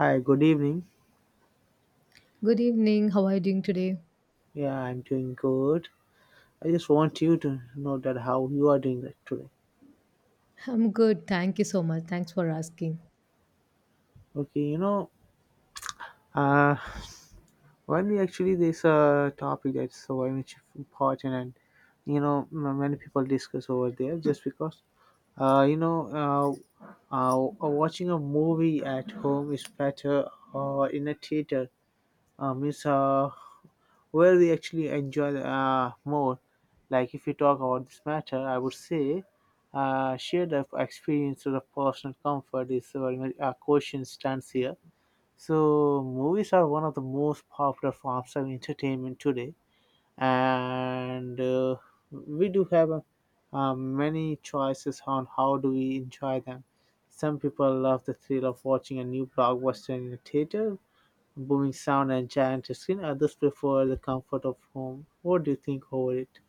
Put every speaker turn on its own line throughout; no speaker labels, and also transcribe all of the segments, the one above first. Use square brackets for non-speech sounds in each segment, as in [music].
Hi, good evening.
Good evening. How are you doing today?
Yeah, I'm doing good. I just want you to know that how you are doing that today.
I'm good. Thank you so much. Thanks for asking.
Okay, uh, when we actually there's a topic that's so very much important, and many people discuss over there just because, uh, you know, uh, watching a movie at home is better or in a theater. It's Where we actually enjoy more. Like if you talk about this matter, I would say shared of experience or of personal comfort is very much a question stands here. So movies are one of the most popular forms of entertainment today, and we do have many choices on how do we enjoy them. Some people love the thrill of watching a new blockbuster in a theater, booming sound and giant screen. Others prefer the comfort of home. What do you think over it?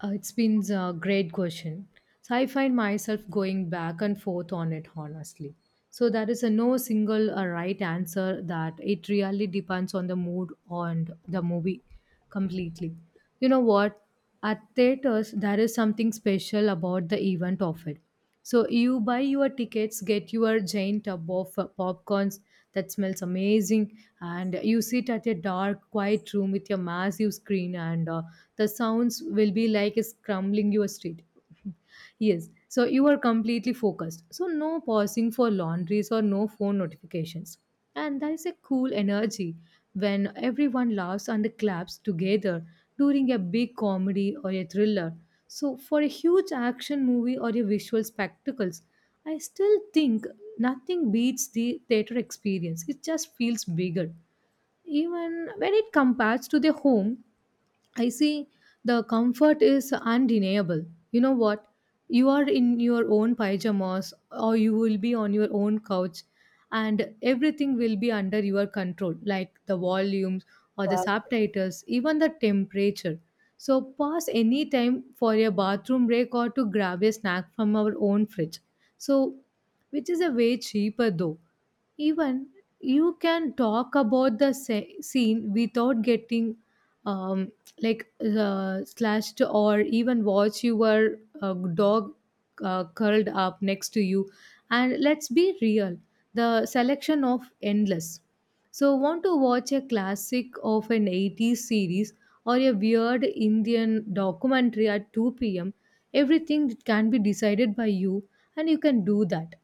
It's been a great question. So I find myself going back and forth on it, honestly. So there is a no single right answer that it really depends on the mood and the movie completely. You know what? At theaters, there is something special about the event of it. So you buy your tickets, get your giant tub of popcorns that smells amazing, and you sit at a dark, quiet room with your massive screen, and the sounds will be like it's crumbling your street. Yes, so you are completely focused. So no pausing for laundries or no phone notifications. And there is a cool energy when everyone laughs and claps together during a big comedy or a thriller. So for a huge action movie or a visual spectacles, I still think nothing beats the theater experience. It just feels bigger. Even when it compares to the home, I see the comfort is undeniable. You know what? You are in your own pajamas or you will be on your own couch, and everything will be under your control, like the volumes or the
Wow.
subtitles, even the temperature. So pause any time for a bathroom break or to grab a snack from our own fridge. So which is a way cheaper, though even you can talk about the scene without getting um, like slashed, or even watch your dog curled up next to you, and let's be real, the selection of endless. So want to watch a classic of an 80s series or a weird indian documentary at 2 p.m, everything can be decided by you, and you can do that.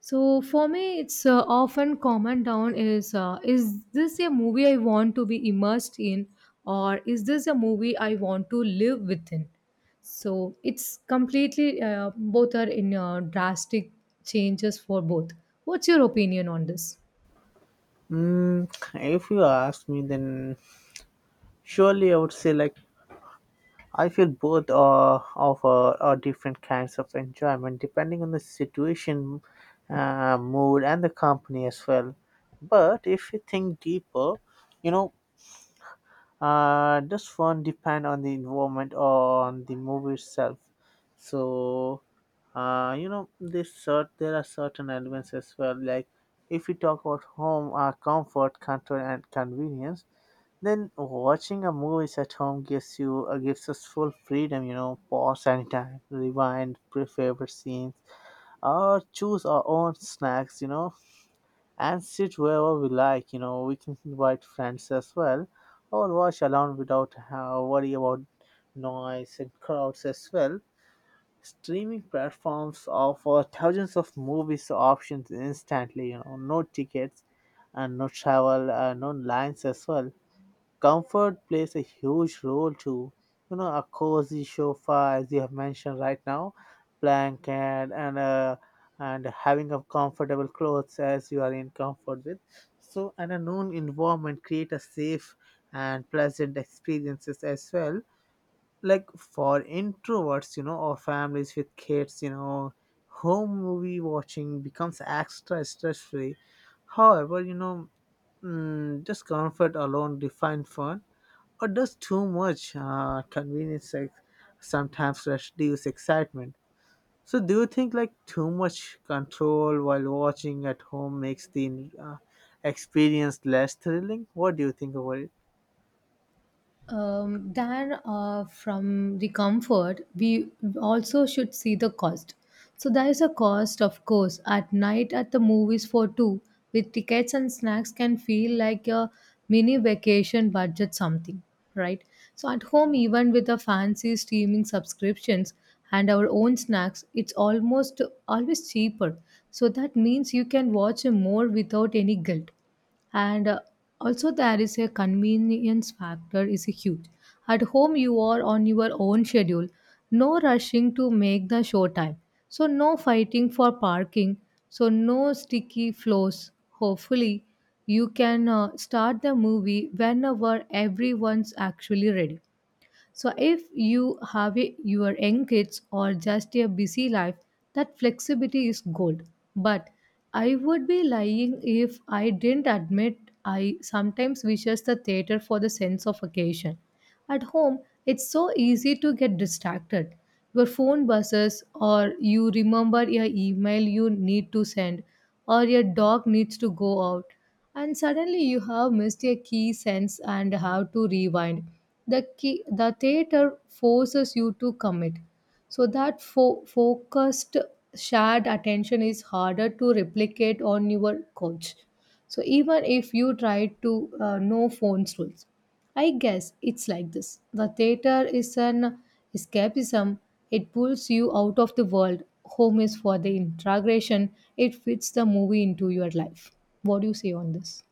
So for me, it's often comment down is, is this a movie I want to be immersed in, or is this a movie I want to live within? So it's completely, both are in drastic changes for both. What's your opinion on this?
Mm, if you ask me, then surely I would say like I feel both of are different kinds of enjoyment depending on the situation, mood, and the company as well. But if you think deeper, you know, does one depend on the involvement or on the movie itself, so you know, there are certain elements as well. Like if we talk about home comfort and convenience, then watching a movie at home gives you gives us full freedom. You know, pause anytime, rewind pre favorite scenes or choose our own snacks, you know, and sit wherever we like. You know, we can invite friends as well, or watch alone without worry about noise and crowds as well. Streaming platforms offer thousands of movies options instantly. You know, no tickets and no travel, no lines as well. Comfort plays a huge role too. You know, a cozy sofa, as you have mentioned right now, blanket, and having a comfortable clothes as you are in comfort with. So, and a known environment create a safe and pleasant experiences as well. Like for introverts, you know, or families with kids, you know, home movie watching becomes extra stress free. However, you know, just comfort alone define fun, or does too much convenience, like, sometimes reduce excitement? So do you think like too much control while watching at home makes the experience less thrilling? What do you think about it?
There, from the comfort, we also should see the cost. So there is a cost, of course, at night at the movies for two, with tickets and snacks can feel like a mini vacation budget, something, right? So at home, even with the fancy streaming subscriptions and our own snacks, it's almost always cheaper. So that means you can watch more without any guilt. And also there is a convenience factor is huge. At home, you are on your own schedule. No rushing to make the show time, so no fighting for parking, so no sticky floors, hopefully. You can start the movie whenever everyone's actually ready. So, if you have a, your young kids or just a busy life, that flexibility is gold. But I would be lying if I didn't admit I sometimes wishes the theater for the sense of occasion. At home, it's so easy to get distracted. Your phone buzzes, or you remember your email you need to send, or your dog needs to go out, and suddenly you have missed a key sense and have to rewind the key, the theater forces you to commit. So that focused shared attention is harder to replicate on your couch. So even if you try to, know phones rules, I guess it's like this. The theater is an escapism. It pulls you out of the world. Home is for the integration. It fits the movie into your life. What do you say on this?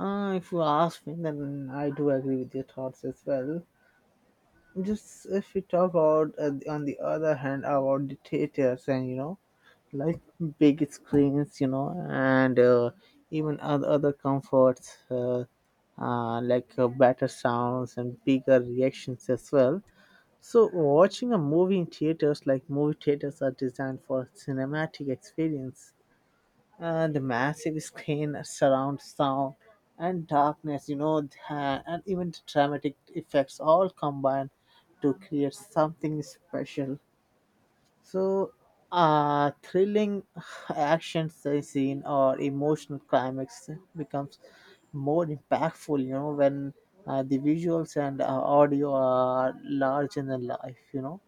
If you ask me, then I do agree with your thoughts as well. Just if we talk about, on the other hand, about the theaters and you know, like big screens, you know, and even other comforts like better sounds and bigger reactions as well. So, watching a movie in theaters, like movie theaters, are designed for cinematic experience. The massive screen, surround sound, and darkness, and even the dramatic effects all combine to create something special, so, thrilling [laughs] action scene or emotional climax becomes more impactful, you know, when the visuals and audio are larger than life, you know.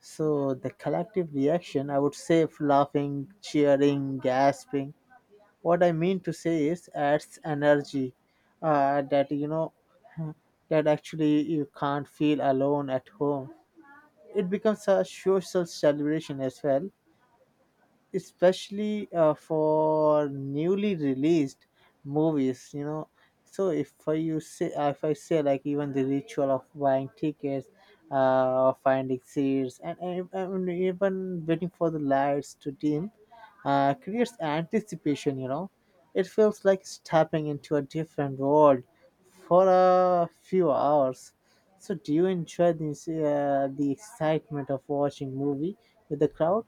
So, the collective reaction, I would say, of laughing, cheering, gasping. What I mean to say is, adds energy that, you know, [laughs] that actually you can't feel alone at home. It becomes a social celebration as well, especially for newly released movies, you know. So if I you say if I say like even the ritual of buying tickets, finding seats, and even waiting for the lights to dim creates anticipation, you know. It feels like stepping into a different world for a few hours. So do you enjoy this the excitement of watching movie with the crowd?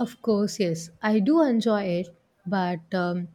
Of course, yes. I do enjoy it, but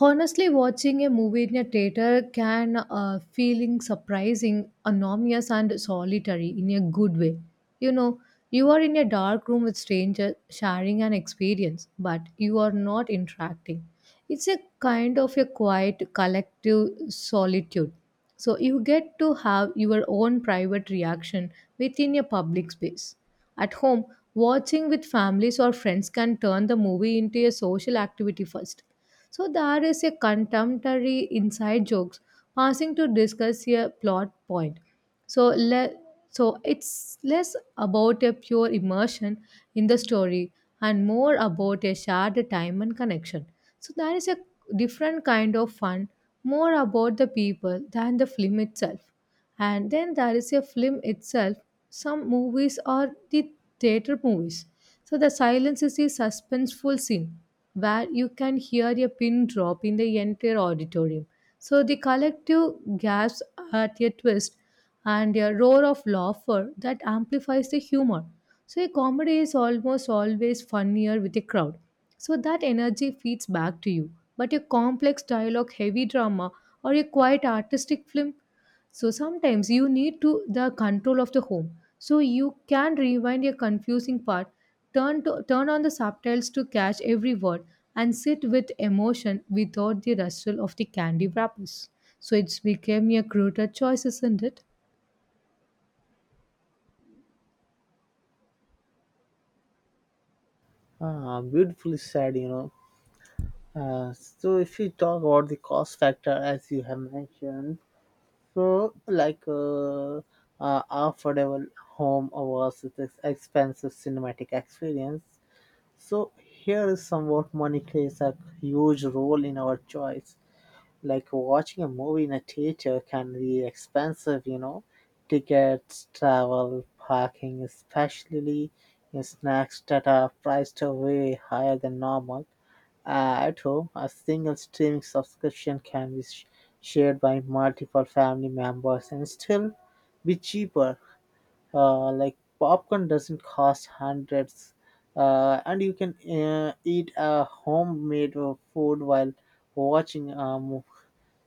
honestly, watching a movie in a theater can, feeling surprising, anonymous, and solitary in a good way. You know, you are in a dark room with strangers sharing an experience, but you are not interacting. It's a kind of a quiet collective solitude. So you get to have your own private reaction within a public space. At home, watching with families or friends can turn the movie into a social activity first. So there is a contemporary inside jokes passing to discuss a plot point. So le- so it's less about a pure immersion in the story, and more about a shared time and connection. So there is a different kind of fun, more about the people than the film itself. And then there is a film itself. Some movies are the theater movies. So the silence is a suspenseful scene where you can hear a pin drop in the entire auditorium. So the collective gasps at a twist, and a roar of laughter that amplifies the humor. So a comedy is almost always funnier with a crowd. So that energy feeds back to you. But a complex dialogue, heavy drama, or a quiet artistic film, so sometimes you need to the control of the home. So you can rewind a confusing part, turn on the subtitles to catch every word, and sit with emotion without the rustle of the candy wrappers. So it's became a cruder choice, isn't it?
Ah, beautifully said, you know. So if we talk about the cost factor, as you have mentioned, so like affordable home versus expensive cinematic experience. So here is somewhat money plays a huge role in our choice. Like watching a movie in a theater can be expensive, you know, tickets, travel, parking, especially in snacks that are priced way higher than normal. At home, a single streaming subscription can be shared by multiple family members and still be cheaper. Like popcorn doesn't cost hundreds, and you can eat a homemade food while watching a movie.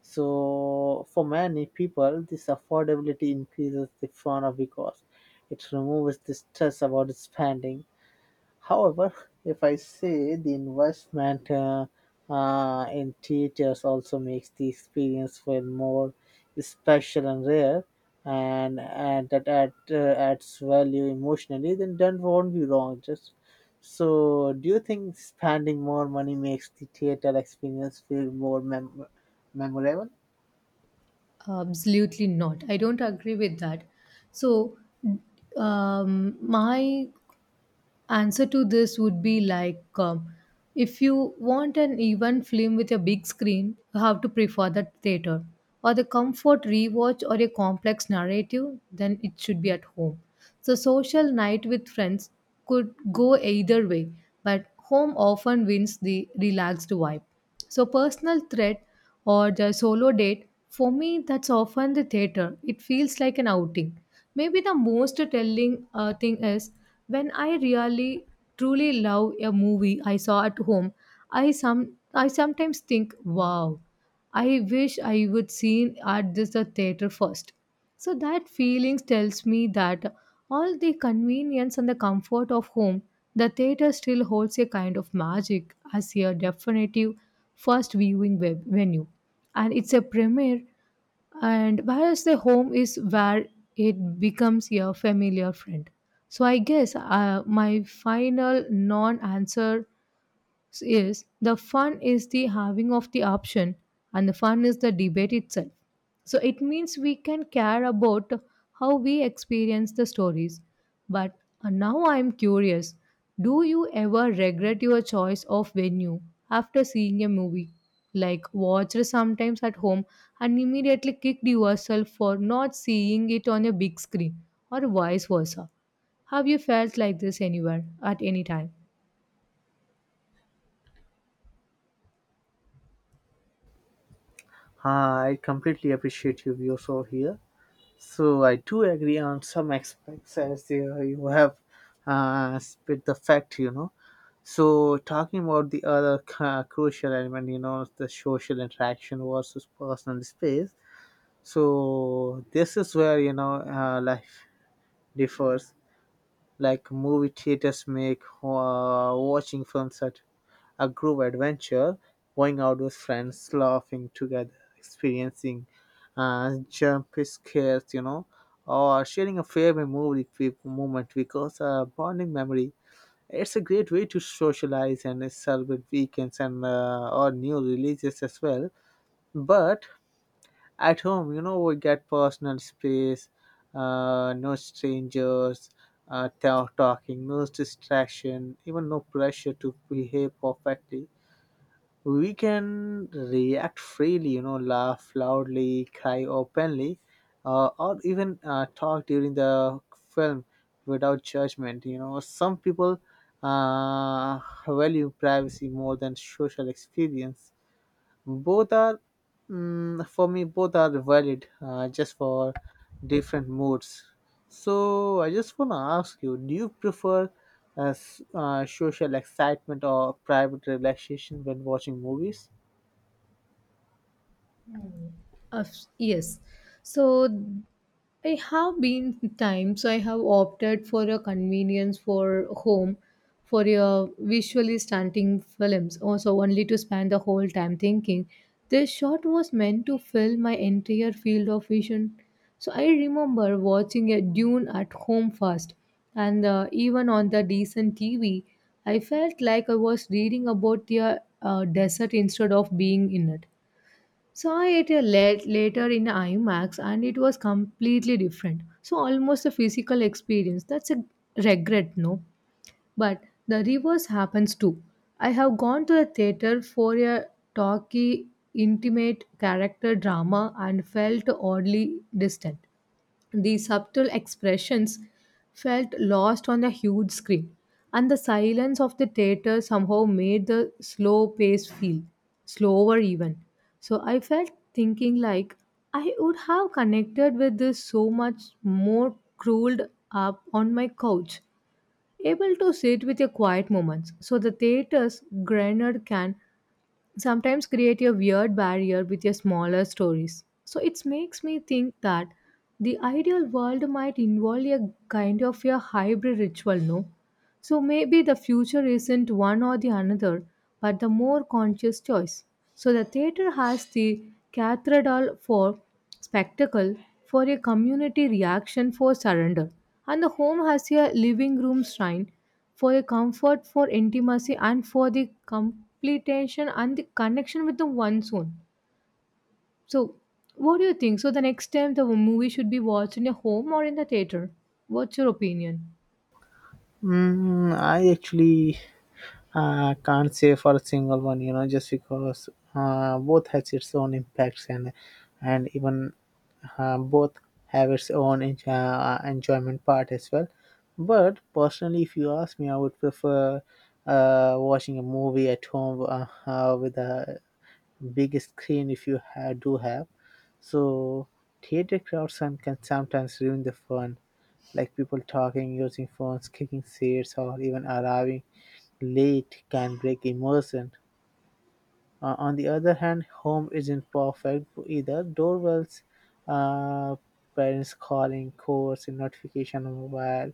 So, for many people, this affordability increases the fun of because it removes the stress about spending. However, if I say the investment in teachers also makes the experience feel more special and rare, and that adds value emotionally, then that won't be wrong. Just so, do you think spending more money makes the theater experience feel memorable?
Absolutely not. I don't agree with that. So my answer to this would be like, if you want an even film with a big screen, you have to prefer the theater, or the comfort rewatch or a complex narrative, then it should be at home. So social night with friends could go either way, but home often wins the relaxed vibe. So personal threat or the solo date, for me, that's often the theater. It feels like an outing. Maybe the most telling thing is, when I really truly love a movie I saw at home, I sometimes think, wow. I wish I would seen at this the theater first. So that feelings tells me that all the convenience and the comfort of home, the theater still holds a kind of magic as a definitive first viewing web venue. And it's a premiere, and whereas the home is where it becomes your familiar friend. So I guess, my final non answer, yes, the fun is the having of the option, and the fun is the debate itself. So it means we can care about how we experience the stories. But now I'm curious, do you ever regret your choice of venue after seeing a movie? Like, watched sometimes at home and immediately kicked yourself for not seeing it on a big screen, or vice versa. Have you felt like this anywhere at any time?
Ah, I completely appreciate your views over here. So I do agree on some aspects as you have spit the fact, you know. So talking about the other crucial element, you know, the social interaction versus personal space. So this is where you know life differs. Like movie theaters make watching films at a group adventure, going out with friends, laughing together, experiencing jump scares, you know, or sharing a favorite moment because a bonding memory. It's a great way to socialize and celebrate weekends and or new releases as well. But at home, you know, we get personal space, no strangers, talking, no distraction, even no pressure to behave perfectly. We can react freely, you know, laugh loudly, cry openly, or even talk during the film without judgment. You know, some people uh, value privacy more than social experience. Both are, for me, both are valid, just for different moods. So I just wanna ask you: Do you prefer social excitement or private relaxation when watching movies?
Of yes. So I have been times I have opted for a convenience for home for a visually stunting films, also only to spend the whole time thinking this shot was meant to fill my entire field of vision. So I remember watching a Dune at home first, and even on the decent TV, I felt like I was reading about the desert instead of being in it. Saw it later in IMAX, and it was completely different. So almost a physical experience. That's a regret, no? But the reverse happens too. I have gone to the theater for a talky, intimate character drama and felt oddly distant. The subtle expressions felt lost on a huge screen, and the silence of the theater somehow made the slow pace feel slower, even. So I felt thinking like I would have connected with this so much more curled up on my couch, able to sit with a quiet moments. So the theater's granite can sometimes create a weird barrier with your smaller stories. So it makes me think that the ideal world might involve a kind of a hybrid ritual, no? So maybe the future isn't one or the another, but the more conscious choice. So the theater has the cathedral for spectacle, for a community reaction, for surrender, and the home has a living room shrine for a comfort, for intimacy, and for the completion and the connection with the one's own. So, what do you think? So the next time, the movie should be watched in a home or in the theater? What's your opinion?
Mm, I actually I can't say for a single one, you know, just because both has its own impacts and even both have its own enjoyment part as well. But personally, if you ask me, I would prefer watching a movie at home with a big screen if you do have. So theater crowds and can sometimes ruin the fun, like people talking, using phones, kicking seats, or even arriving late can break immersion. On the other hand, home isn't perfect either. Doorbells, uh, parents calling, calls, and notification on mobile,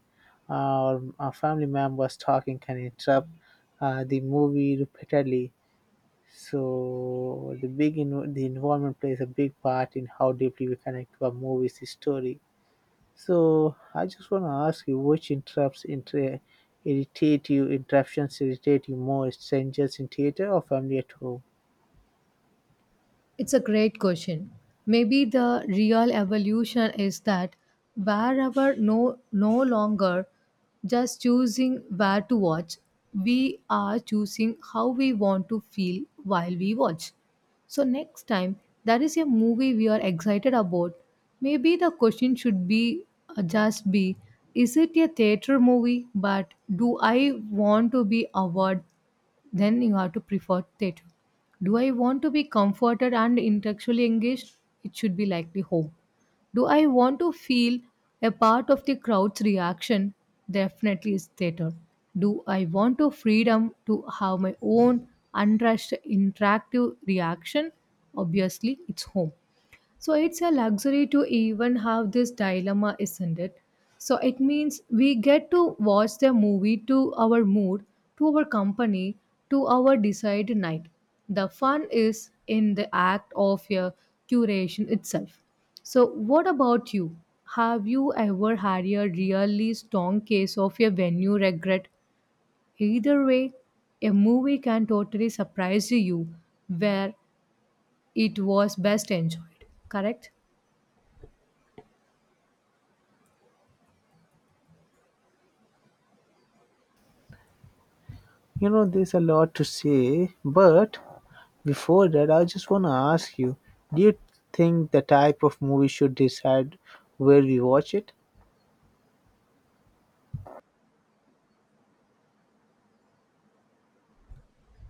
or family members talking can interrupt the movie repeatedly. So the environment plays a big part in how deeply we connect to a movie's story. So I just want to ask you, which irritate you? Interruptions irritate you more, strangers in theater or family at home?
It's a great question. Maybe the real evolution is that wherever no longer just choosing where to watch, we are choosing how we want to feel while we watch. So next time there is a movie we are excited about, maybe the question should be, just be, is it a theater movie? But do I want to be awed? Then you have to prefer theater. Do I want to be comforted and intellectually engaged? It should be likely home. Do I want to feel a part of the crowd's reaction? Definitely is theater. Do I want to freedom to have my own unrushed interactive reaction? Obviously, it's home. So it's a luxury to even have this dilemma, isn't it? So it means we get to watch the movie to our mood, to our company, to our desired night. The fun is in the act of your curation itself. So, what about you? Have you ever had a really strong case of a venue regret? Either way, a movie can totally surprise you where it was best enjoyed, correct?
You know, there's a lot to say, but before that, I just want to ask you: Do you think the type of movie should decide where we watch it?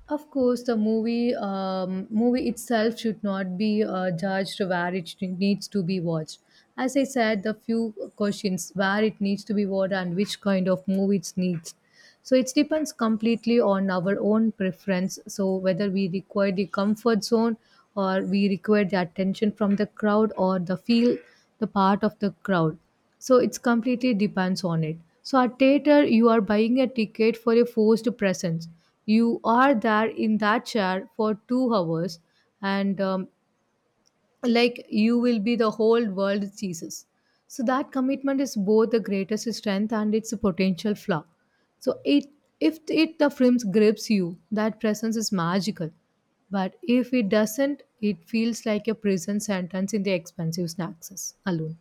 Of course, the movie itself should not be judged where it needs to be watched. As I said, the few questions where it needs to be watched and which kind of movie it needs. So it depends completely on our own preference. So whether we require the comfort zone or we require the attention from the crowd or the feel the part of the crowd. So it's completely depends on it. So at theater, you are buying a ticket for a forced presence. You are there in that chair for 2 hours, and like you will be the whole world Jesus. So that commitment is both the greatest strength and its potential flaw. So it If it the film grips you, that presence is magical. But if it doesn't, it feels like a prison sentence in the expensive snacks alone.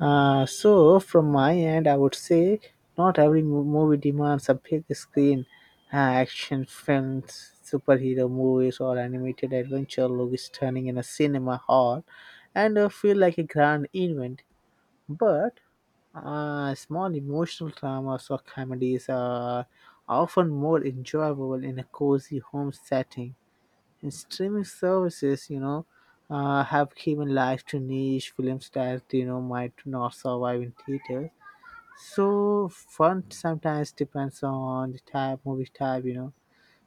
So from my end, I would say not every movie demands a big screen. Action films, superhero movies, or animated adventure look stunning in a cinema hall, and feel like a grand event. But small emotional dramas or comedies are often more enjoyable in a cozy home setting, and streaming services, you know, have given life to niche films that you know might not survive in theaters. So fun sometimes depends on the type, movie type, you know.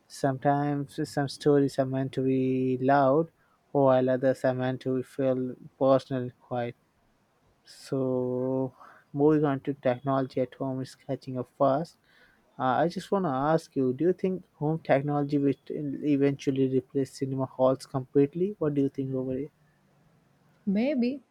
Sometimes some stories are meant to be loud, while others are meant to feel personal and quiet. So moving on to technology at home is catching up fast. I just want to ask you, do you think home technology will eventually replace cinema halls completely? What do you think over it?
Maybe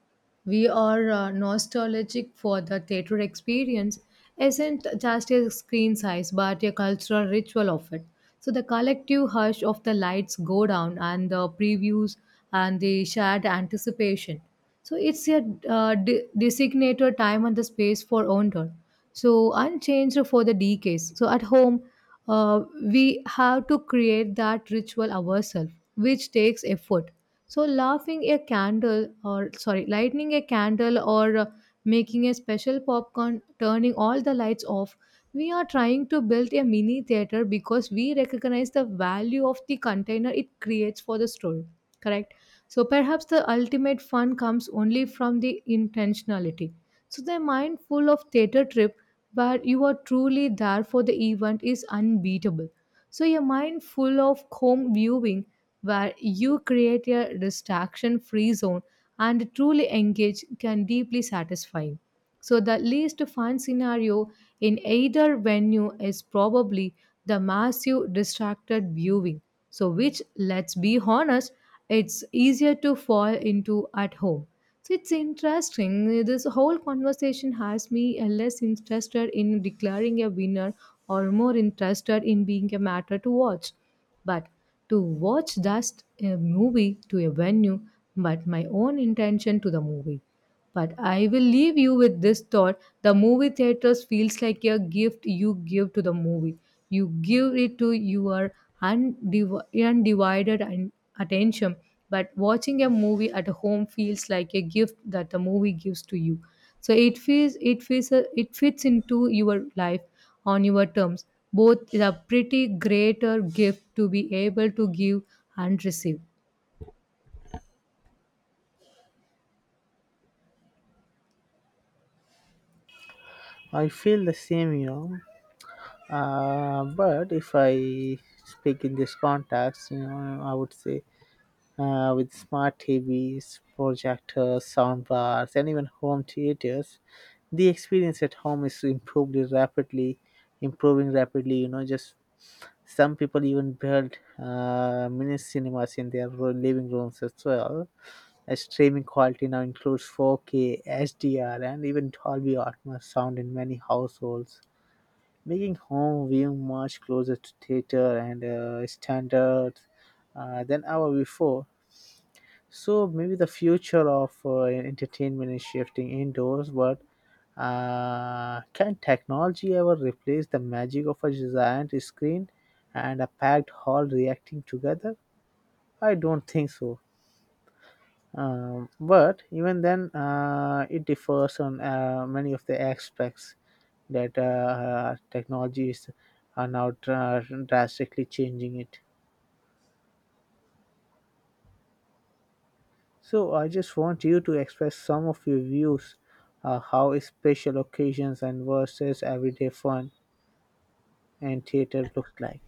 we are nostalgic for the theatre experience, isn't just a screen size but a cultural ritual of it. So the collective hush of the lights go down and the previews and the shared anticipation. So it's a designated time and the space for wonder, so unchanged for the decades. So at home, we have to create that ritual ourselves, which takes effort. So laughing a candle, or sorry, lighting a candle, or making a special popcorn, turning all the lights off, we are trying to build a mini theater because we recognize the value of the container it creates for the story, correct? So perhaps the ultimate fun comes only from the intentionality. So the mindful of theater trip, but you are truly there for the event, is unbeatable. So, a mind full of home viewing where you create a distraction free zone and truly engage can deeply satisfy. So, the least fun scenario in either venue is probably the massive distracted viewing. So, which, let's be honest, it's easier to fall into at home. So it's interesting. This whole conversation has me less interested in declaring a winner or more interested in being a matter to watch. But to watch just a movie to a venue, but my own intention to the movie. But I will leave you with this thought, the movie theaters feels like a gift you give to the movie. You give it to your undivided and attention. But watching a movie at home feels like a gift that the movie gives to you. So it feels it fits into your life on your terms. Both is a pretty greater gift to be able to give and receive.
I feel the same, you know. But if I speak in this context, you know, I would say with smart TVs, projectors, sound bars, and even home theaters, the experience at home is improving rapidly. You know, just some people even build mini cinemas in their living rooms as well. Streaming quality now includes 4K, HDR, and even Dolby Atmos sound in many households, making home viewing much closer to theater and standards than ever before. So maybe the future of entertainment is shifting indoors, but can technology ever replace the magic of a giant screen and a packed hall reacting together? I don't think so. But even then, it differs on many of the aspects that technologies are now drastically changing it. So I just want you to express some of your views how special occasions and versus everyday fun and theater looks like.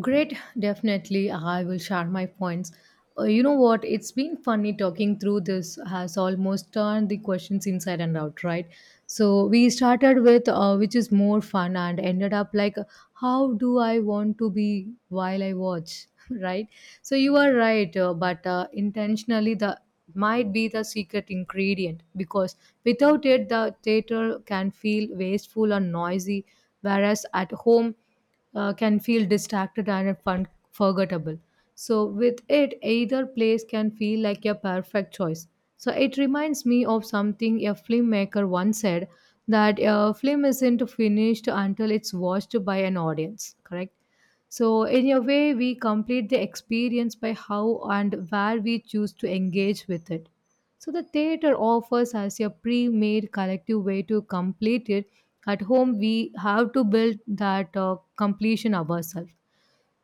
Great, definitely. I will share my points. You know what? It's been funny talking through this, has almost turned the questions inside and out, right? So, we started with which is more fun and ended up like, how do I want to be while I watch, [laughs] right? So, you are right, but intentionally, the might be the secret ingredient because without it, the theater can feel wasteful or noisy, whereas at home, can feel distracted and forgettable. So, with it, either place can feel like a perfect choice. So, it reminds me of something a filmmaker once said that a film isn't finished until it's watched by an audience, correct? So, in a way, we complete the experience by how and where we choose to engage with it. So, the theater offers us a pre made collective way to complete it. At home, we have to build that completion ourselves.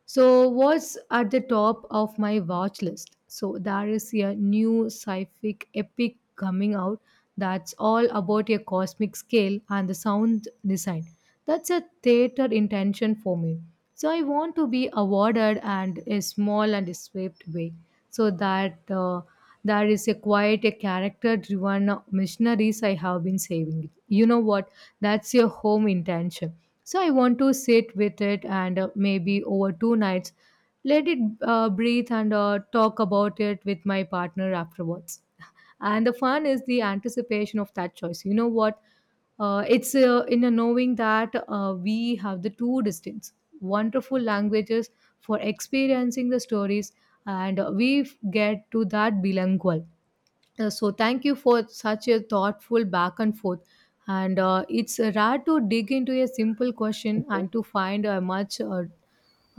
So, what's at the top of my watch list? So, there is a new sci-fi epic coming out that's all about a cosmic scale and the sound design. That's a theater intention for me. So, I want to be awarded and a small and swept way so that there is a quite a character driven missionaries I have been saving. You know what? That's your home intention, so I want to sit with it and maybe over 2 nights, let it breathe and talk about it with my partner afterwards. [laughs] And the fun is the anticipation of that choice. You know what? It's in a knowing that we have the two distinct, wonderful languages for experiencing the stories, and we get to that bilingual. So thank you for such a thoughtful back and forth, and it's rare to dig into a simple question and to find a much uh,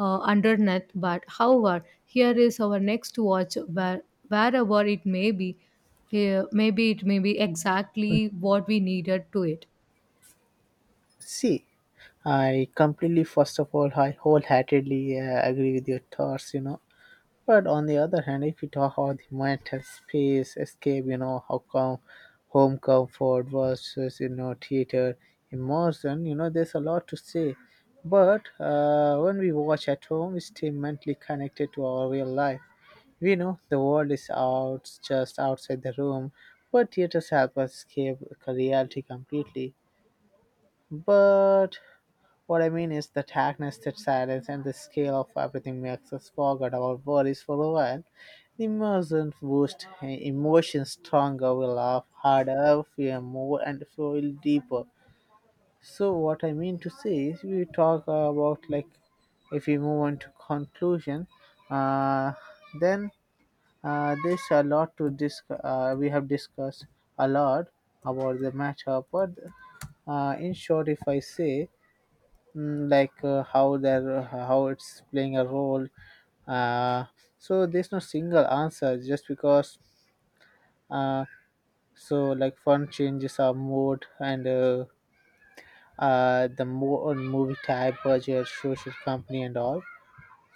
uh, underneath. But however, here is our next watch, where wherever it may be, here maybe it may be exactly what we needed to it.
See, I completely, first of all, I wholeheartedly agree with your thoughts, you know. But on the other hand, if you talk about the mental space, escape, you know, how come home comfort versus, you know, theater immersion, you know, there's a lot to say. But when we watch at home, we stay mentally connected to our real life. We know the world is out, just outside the room, but theaters help us escape reality completely. But what I mean is the darkness, that silence, and the scale of everything makes us forget our worries for a while. The immersion boost, emotions stronger, we laugh harder, fear more, and feel deeper. So what I mean to say is we talk about like if we move on to conclusion, uh, then there's a lot to discuss. We have discussed a lot about the matter, but in short, if I say how they're how it's playing a role, uh, so there's no single answer just because uh, so like fun changes our mood and the more movie type budget social company and all.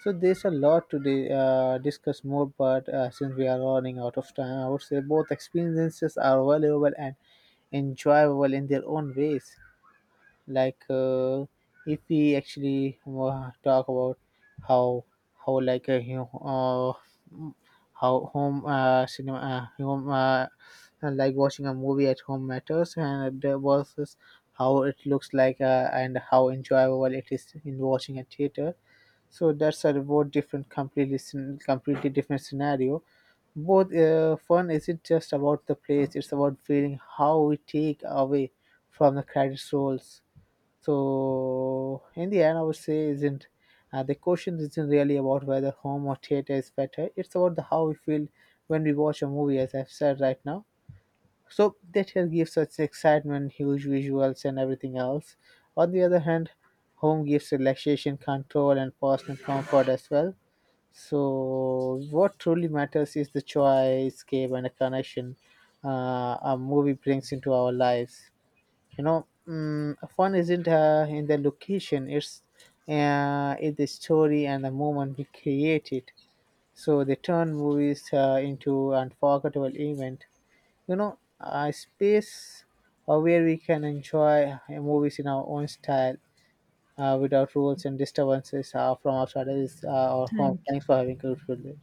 So there's a lot to discuss more, but since we are running out of time, I would say both experiences are valuable and enjoyable in their own ways, like if we actually talk about how how like uh, mm, how home cinema home like watching a movie at home matters and the versus how it looks like and how enjoyable it is in watching a theater. So that's a both different completely completely different scenario. Both fun isn't just about the place, it's about feeling how we take away from the credit rolls. So in the end, I would say isn't the question isn't really about whether home or theater is better. It's about the how we feel when we watch a movie, as I've said right now. So that here gives such excitement, huge visuals, and everything else. On the other hand, home gives relaxation, control, and personal comfort as well. So, what truly matters is the joy, escape, and a connection a movie brings into our lives, you know. Fun isn't in the location, it's in the story and the moment we create it. So they turn movies into unforgettable event, you know, a space where we can enjoy movies in our own style without rules and disturbances from outside is our home.
Thank you.
Thanks for having a good day.